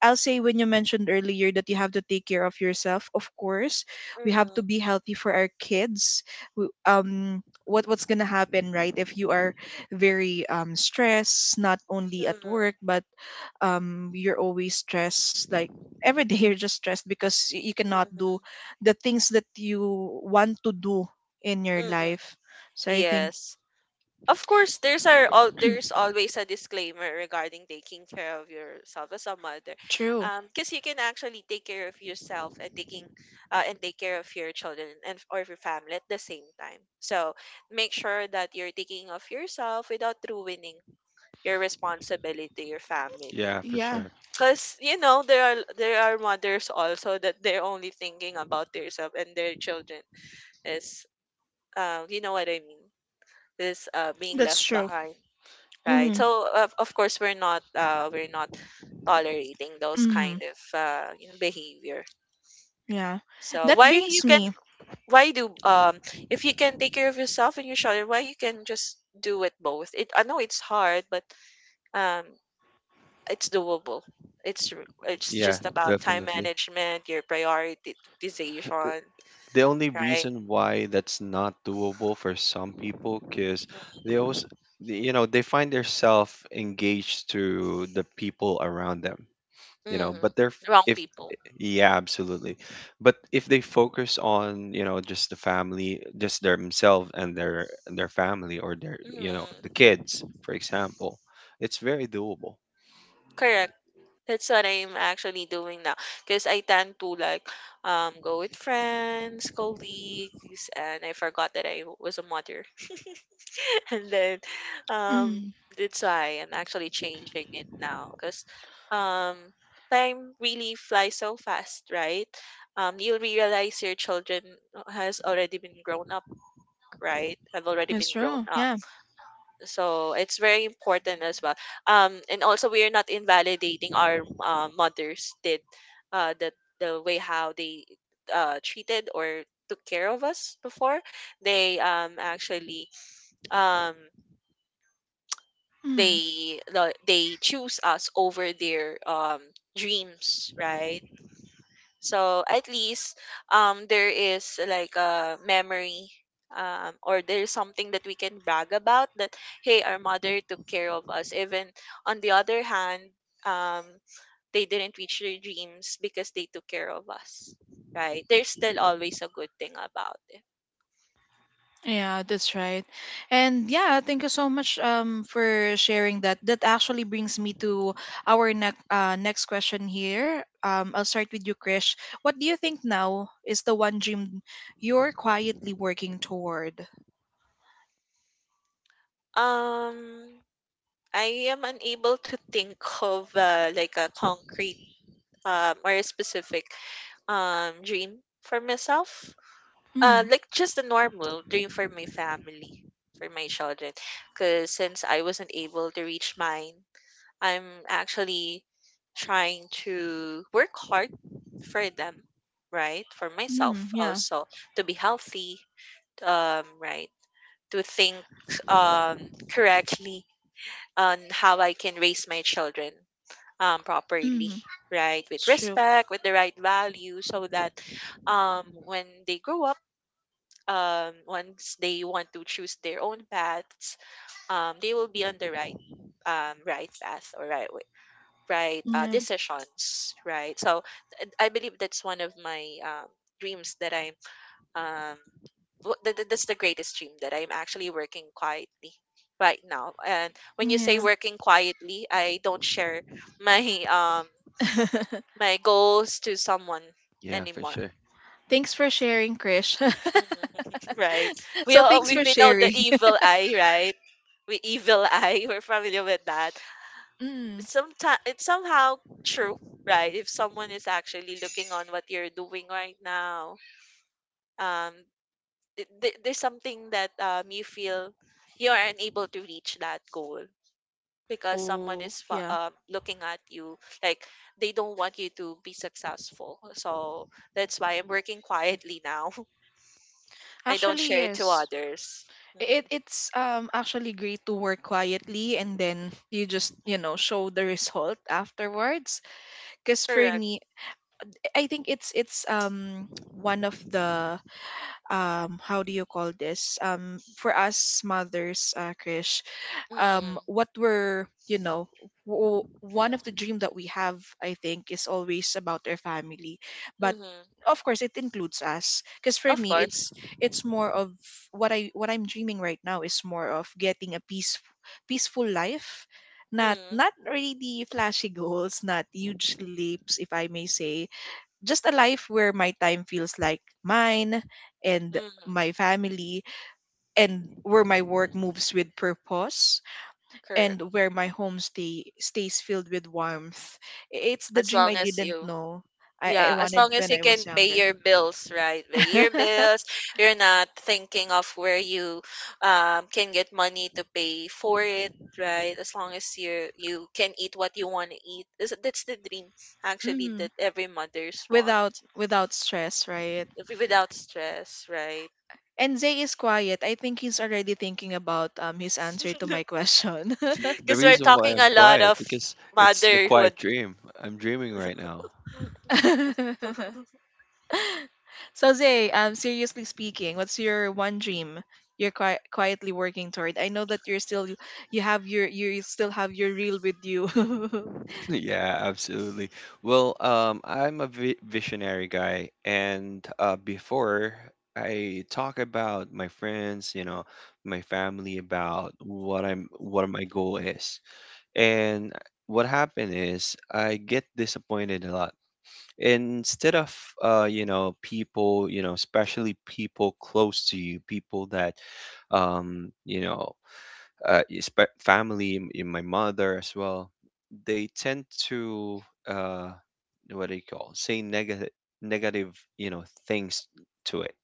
I'll say when you mentioned earlier that you have to take care of yourself. Of course, we have to Mhm. be healthy for our kids. What, what's gonna happen, right? If you are very stressed, not only at work, Mhm. but you're always stressed, like, *laughs* every day you're just stressed because, you cannot Mhm. do the things that you want to do in your Mhm. life. So I think Yes. Of course, there's our all there's always a disclaimer regarding taking care of yourself as a mother, true. Because you can actually take care of yourself and taking and take care of your children and or your family at the same time. So make sure that you're taking of yourself without ruining your responsibility to your family, Yeah, for Yeah, sure. because, you know, there are, there are mothers also that they're only thinking about themselves and their children is, you know what I mean, is, being that's left true. behind, right? Mm-hmm. So of course we're not, we're not tolerating those Mm-hmm. kind of, you know, behavior. Yeah. So That why you brings can, me. why do, if you can take care of yourself and your children, why you can just do it both? It I know it's hard, but um it's doable. It's it's Yeah, just about time definitely. management, your prioritization, The only right? reason why that's not doable for some people, because they Mm-hmm. also, you know, they find themselves engaged to the people around them, you know, Mm-hmm. but Wrong if, people. yeah, absolutely. But if they focus on, you know, just the family, just themselves and their family, or their, you know, the Mm, kids, for example, it's very doable. correct. That's what I'm actually doing now, because I tend to like, go with friends, colleagues, and I forgot that I was a mother. *laughs* And then, um Mm-hmm. that's why I'm actually changing it now, because, um time really flies so fast, right? Um, you'll realize your children has already been grown up, right? Have already That's been grown true. up. Yeah. So it's very important as well, and also we are not invalidating our, mothers did, uh the the way how they, treated or took care of us before. They, actually, um Mm. they, they choose us over their, dreams, right? So at least, there is like a memory, or there's something that we can brag about, that hey, our mother took care of us, even on the other hand, um they didn't reach their dreams because they took care of us, right? There's still always a good thing about it. Yeah, that's right. And yeah, thank you so much for sharing that. That actually brings me to our next next question here. I'll start with you, Krish. What do you think now is the one dream you're quietly working toward? Um, I am unable to think of, like a concrete, or a specific, dream for myself, Mm. like just a normal dream for my family, for my children, because since I wasn't able to reach mine, I'm actually trying to work hard for them, right? For myself Mm. Yeah. also, to be healthy, right, to think um correctly on how I can raise my children properly, Mm. right, with It's true. respect, with the right value, so that when they grow up, once they want to choose their own paths, they will be on the right, right path or right way, right Yeah. decisions, right? So I believe that's one of my, dreams that I'm, um, that's the greatest dream that I'm actually working quietly right now. And when you say Yeah. working quietly, I don't share my um *laughs* my goals to someone Yeah, for anymore. sure. thanks for sharing, Krish. *laughs* Mhm. *laughs* Right. We so all, thanks for we know the sharing. evil *laughs* eye, right? We evil eye. *laughs* We're familiar with that. mm. Sometimes it's somehow true, right? If someone is actually looking on what you're doing right now, um, there's something that, you feel you are unable to reach that goal because someone Oh, is, yeah. Looking at you, like they don't want you to be successful. So that's why I'm working quietly now. *laughs* I don't Actually, share it to yes. others. it Mhm. it's um actually great to work quietly, and then you just, you know, show the result afterwards. Because for Correct. me, I think it's one of the, how do you call this, for us mothers, Krish, Mm, what we're, you know, one of the dream that we have, I think, is always about our family. But mhm. of course it includes us, because for Of me course. it's more of, what I'm dreaming right now is more of getting a peace, peaceful life. Not, Mm, not really flashy *laughs* goals, not huge leaps, if I may say, just a life where my time feels like mine, and mhm. my family, and where my work moves with purpose, Correct. and where my homestay stays filled with warmth. I- It's the As dream I long as didn't you, know, I yeah, as wanted long as when you I was can pay younger. your bills, right? Pay your *laughs* bills. You're not thinking of where you can get money to pay for it, right? As long as you, you can eat what you want to eat. That's the dream actually mm, that every mothers want. without, without stress, right? Without stress, right? And Zay is quiet. I think he's already thinking about his answer to my question. The Because we're reason why talking I'm a lot quiet of because it's a motherhood. quiet dream. I'm dreaming right now. *laughs* *laughs* so Zay, seriously speaking, what's your one dream you're quietly working toward? I know that you're still, you have your, you still have your reel with you. *laughs* Yeah, absolutely. Well, I'm a vi visionary guy, and before I talk about my friends, you know, my family, about what my goal is, and what happened is I get disappointed a lot. Instead of, you know, people, you know, especially people close to you, people that you know, family, in my mother as well, they tend to uh, what do you call, say negative, you know, things to it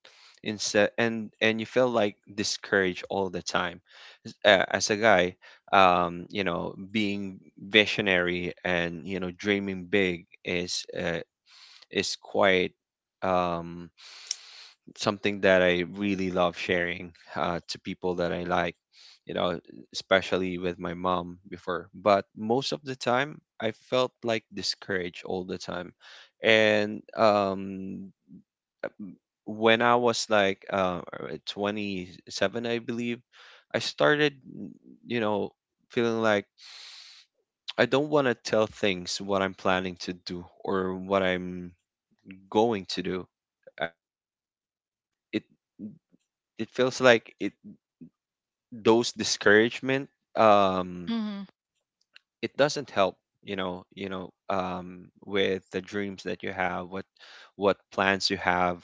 instead. And you feel like discouraged all the time. As a guy, you know, being visionary, and, you know, dreaming big is quite um something that I really love sharing to people that I like, you know, especially with my mom before. But most of the time, I felt like discouraged all the time. And when I was like 27, I believe, I started, you know, feeling like I don't want to tell things what I'm planning to do or what I'm going to do, because it it feels like it those discouragement, um Mhm. it doesn't help, you know, with the dreams that you have, what plans you have.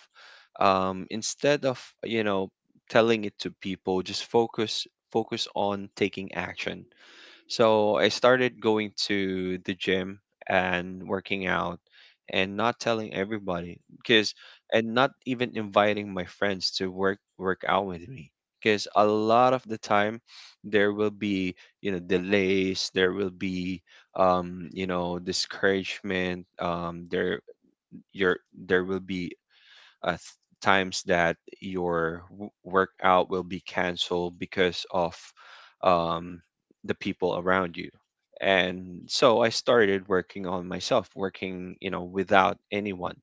Instead of, you know, telling it to people, just focus on taking action. So I started going to the gym and working out, and not telling everybody, because and not even inviting my friends to work out with me, because a lot of the time there will be, you know, delays, there will be you know, discouragement, your there will be uh, th- times that your workout will be canceled because of um, the people around you. And so I started working on myself, working, you know, without anyone,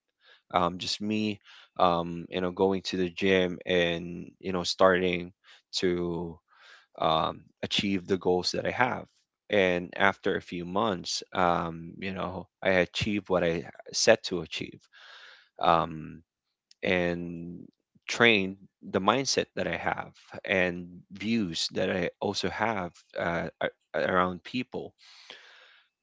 just me, you know, going to the gym and, you know, starting to achieve the goals that I have. And after a few months, you know, I achieved what I set to achieve. Um, and train the mindset that I have, and views that I also have, uh, a- around people.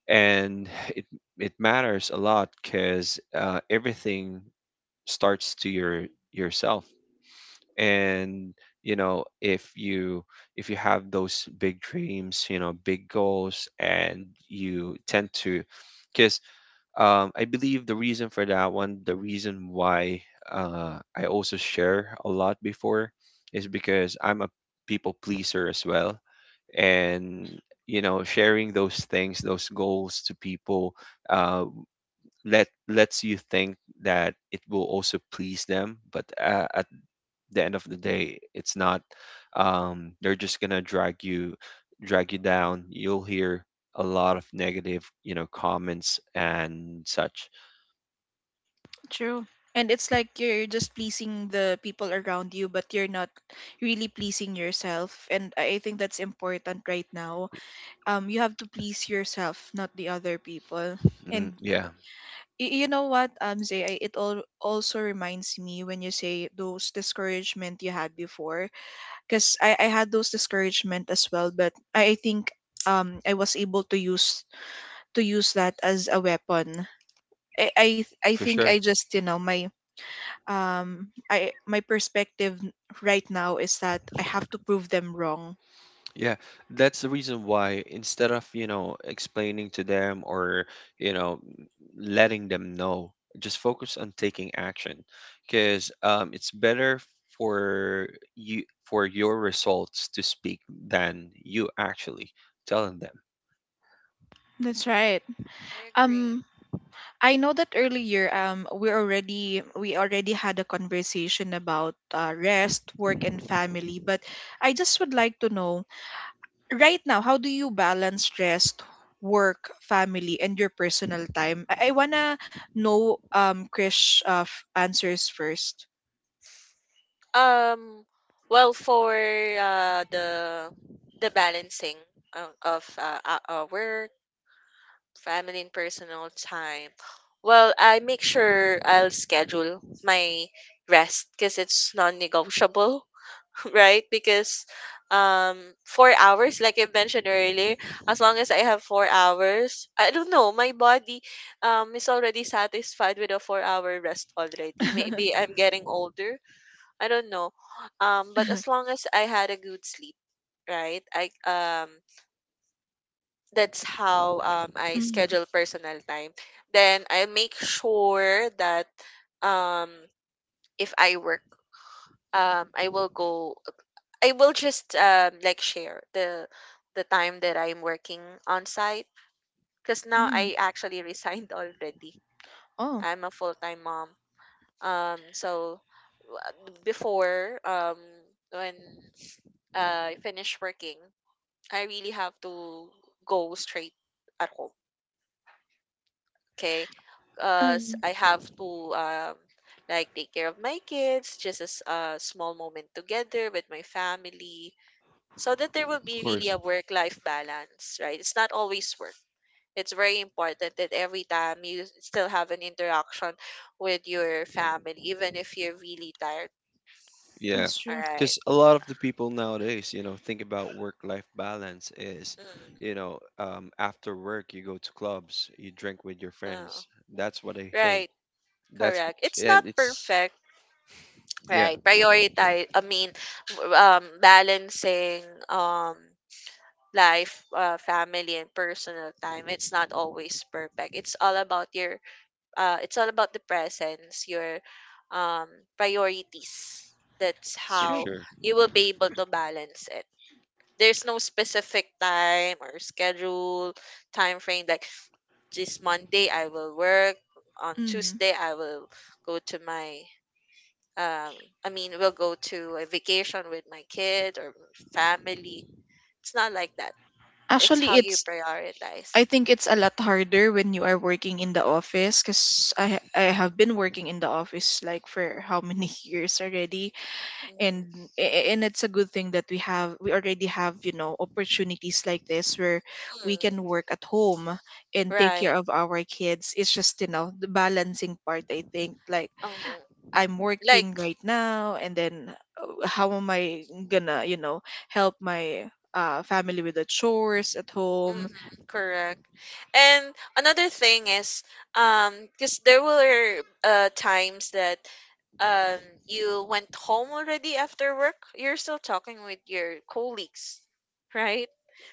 And *sighs* it it matters a lot, because everything starts to yourself. And, you know, if you have those big dreams, you know, big goals, and you tend to, because I believe the reason for that one, the reason why I also share a lot before, is because I'm a people pleaser as well. And, you know, sharing those things, those goals to people, uh, lets you think that it will also please them. But at the end of the day, it's not. They're just gonna drag you down. You'll hear a lot of negative, you know, comments and such. True. And it's like you're just pleasing the people around you, but you're not really pleasing yourself. And I think that's important right now. You have to please yourself, not the other people. Mm, And yeah, you know what, Zay, it all also reminds me when you say those discouragement you had before, because I had those discouragement as well. But I think I was able to use, to use that as a weapon. I, I I for think I sure. just, you know, my I my perspective right now is that I have to prove them wrong. Yeah, that's the reason why, instead of, you know, explaining to them or, you know, letting them know, just focus on taking action, because it's better for you, for your results to speak than you actually telling them. That's right. I agree. um I know that earlier we already, we already had a conversation about, rest, work, and family. But I just would like to know, right now how do you balance rest, work, family, and your personal time? I wanna know, Krish, answers first. Um, well, for the balancing o- of work, family, and personal time, well, I make sure I'll schedule my rest because it's non-negotiable, *laughs* right? Because, um, 4 hours, like I mentioned earlier, as long as I have 4 hours, I don't know, my body is already satisfied with a 4-hour rest *laughs* already. mm-hmm. Maybe I'm getting older, I don't know. But as long as I had a good sleep, right? I that's how I schedule personal time. Then I make sure that, um if I work, um I will go I will just share the time that I'm working on site, because now Mm. I actually *laughs* resigned already. Oh, I'm a full-time mom. So, w- before when I finish working. I really have to go straight at home, okay? Because um, I have to, like take care of my kids, just as a small moment together with my family, so that there will Of be really course. a work-life balance, right? It's not always work. It's very important that every time you still have an interaction with your family, even if you're really tired. Yeah, that's All right. because a lot of the people nowadays, you know, think about work-life balance is, you Mm, know, after work you go to clubs, you drink with your oh, friends. That's what I think. right. Correct. It's not And it's, perfect. yeah, Right. Prioritize, I mean, balancing um, life, family, and personal time. It's not always perfect. It's all about your, it's all about the presence, your, um, priorities. That's That's for true. how sure. you will be able to balance it. There's no specific time or schedule, time frame. Like this Monday, I will work. On Mm. Tuesday, I will go to my, um we'll go to a vacation with my kid or family. It's not like that. It's Actually, how you it's, I prioritize. think it's a lot harder when you are working in the office, because I I have been working in the office, like, for how many *laughs* years already. And Mm-hmm. And it's a good thing that we have, we already have, you know, opportunities like this where we can Mm. work at home and take Right. care of our kids. It's just, you know, the balancing part. I think, like, um, I'm like working right now, and then, how am I gonna, you know, help my, family with the chores at home? mhm, correct. And another thing is, um because there were, times that, um you went home already, after work you're still talking with your colleagues, right?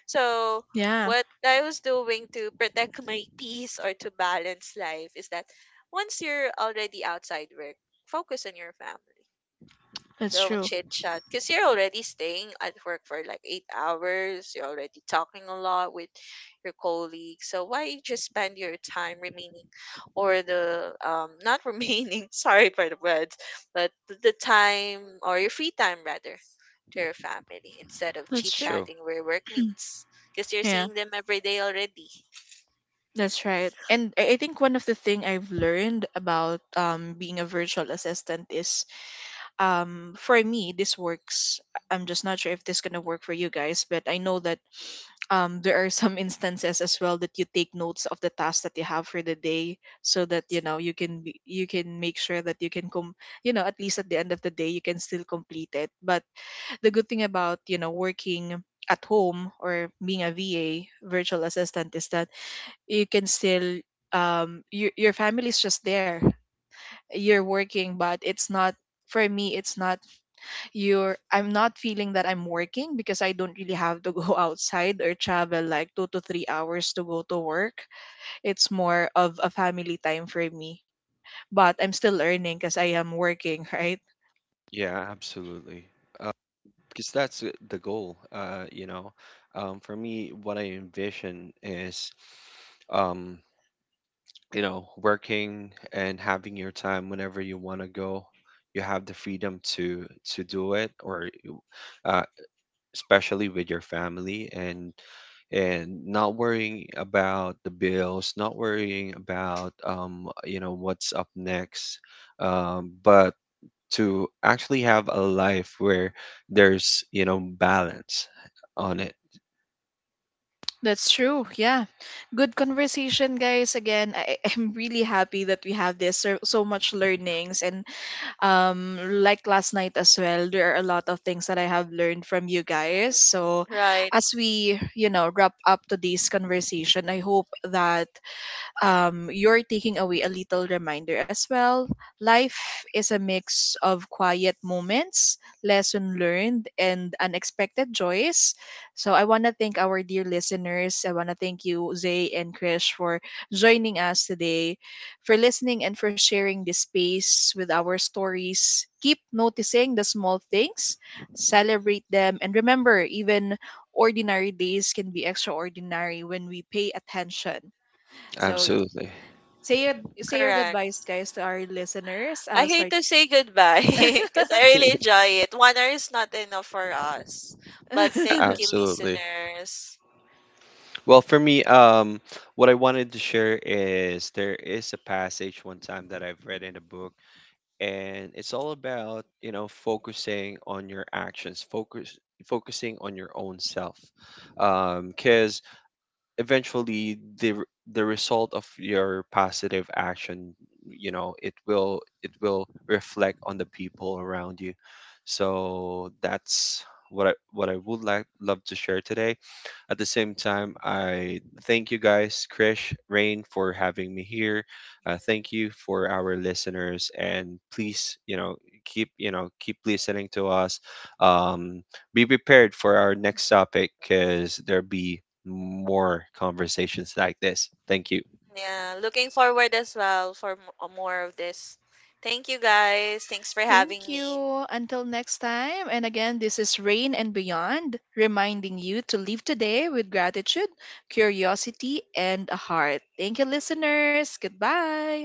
So Yeah, what I was doing to protect my *laughs* peace or to balance life is that once you're already outside work, focus on your family. that's Don't true. chit chat, because you're already staying at work for like 8 hours. You're already talking a lot with your colleagues. So why just spend your time remaining, or the, not remaining, *laughs* sorry for the words, but the time or your free time rather to your family, instead of That's chit true. Sure. chatting where work meets, because you're Yeah, seeing them every day already. that's right. And I think one of the thing I've learned about, being a virtual assistant is, for me, this works. I'm just not sure if this gonna work for you guys, but I know that *sniffs* there are some *laughs* instances as well that you take notes of the tasks that you have for the day, so that, you know, you can be, you can make sure that you can come, you know, at least at the end of the day you can still complete it. But the good thing about, you know, working at home or being a va, virtual assistant, is that you can still, your family is just there. You're working, but it's not, for me it's not, you're I'm not feeling that I'm working, because I don't really have to go *laughs* outside or travel like 2 to 3 hours to go to work. It's more of a family time for me. But I'm still earning, because I am working, *laughs* right? Yeah, absolutely. Because that's the goal. You know, for me, what I envision is, um, you know, working and having your time whenever you want to go. You have the freedom to do it, or uh. especially with your family, and not worrying about the bills, not worrying about, you know, what's up next, but to actually have a life where there's, you know, balance on it. That's true. Yeah. Good conversation, guys. Again, I, *laughs* I'm really happy that we have this, so, so much learnings. And um like last night as well, there are a lot of things that I have learned from you guys. So Mhm. Right. as we, you know, wrap up today's conversation, I hope that, you're taking away a little reminder as well. Life is a mix of quiet moments, lesson learned, and unexpected joys. So I want to thank our dear listeners. I want to thank you, Zay and Krish, for joining us today, for listening, and for sharing this space with our stories. Keep noticing the small things, Mhm. celebrate them, and remember, even ordinary days can be extraordinary when we pay attention. So, Absolutely, say your, say your Correct. goodbyes, guys, to our listeners. I'll I start. hate to say goodbye *laughs* because I really *laughs* enjoy it. One hour is not enough for us. But thank you, *laughs* absolutely. listeners. Well, for me, what I wanted to share is there is a passage one time that I've read in a book, and it's all about, you know, focusing on your actions, focusing on your own self, because eventually the result of your positive action, you know, it will reflect on the people around you. So that's what I would like, love to share today. At the same time, I thank you guys, Krish, Rain, for having me here. Thank you for our listeners, and please, you know, keep listening to us. Um, be prepared for our next topic, because there'll be more conversations like this. Thank you. Yeah, looking forward as well for more of this. Thank you, guys. Thanks for Thank having me. you. Until next time. And again, this is Rain and Beyond, reminding you to live today with gratitude, curiosity, and a heart. Thank you, listeners. Goodbye.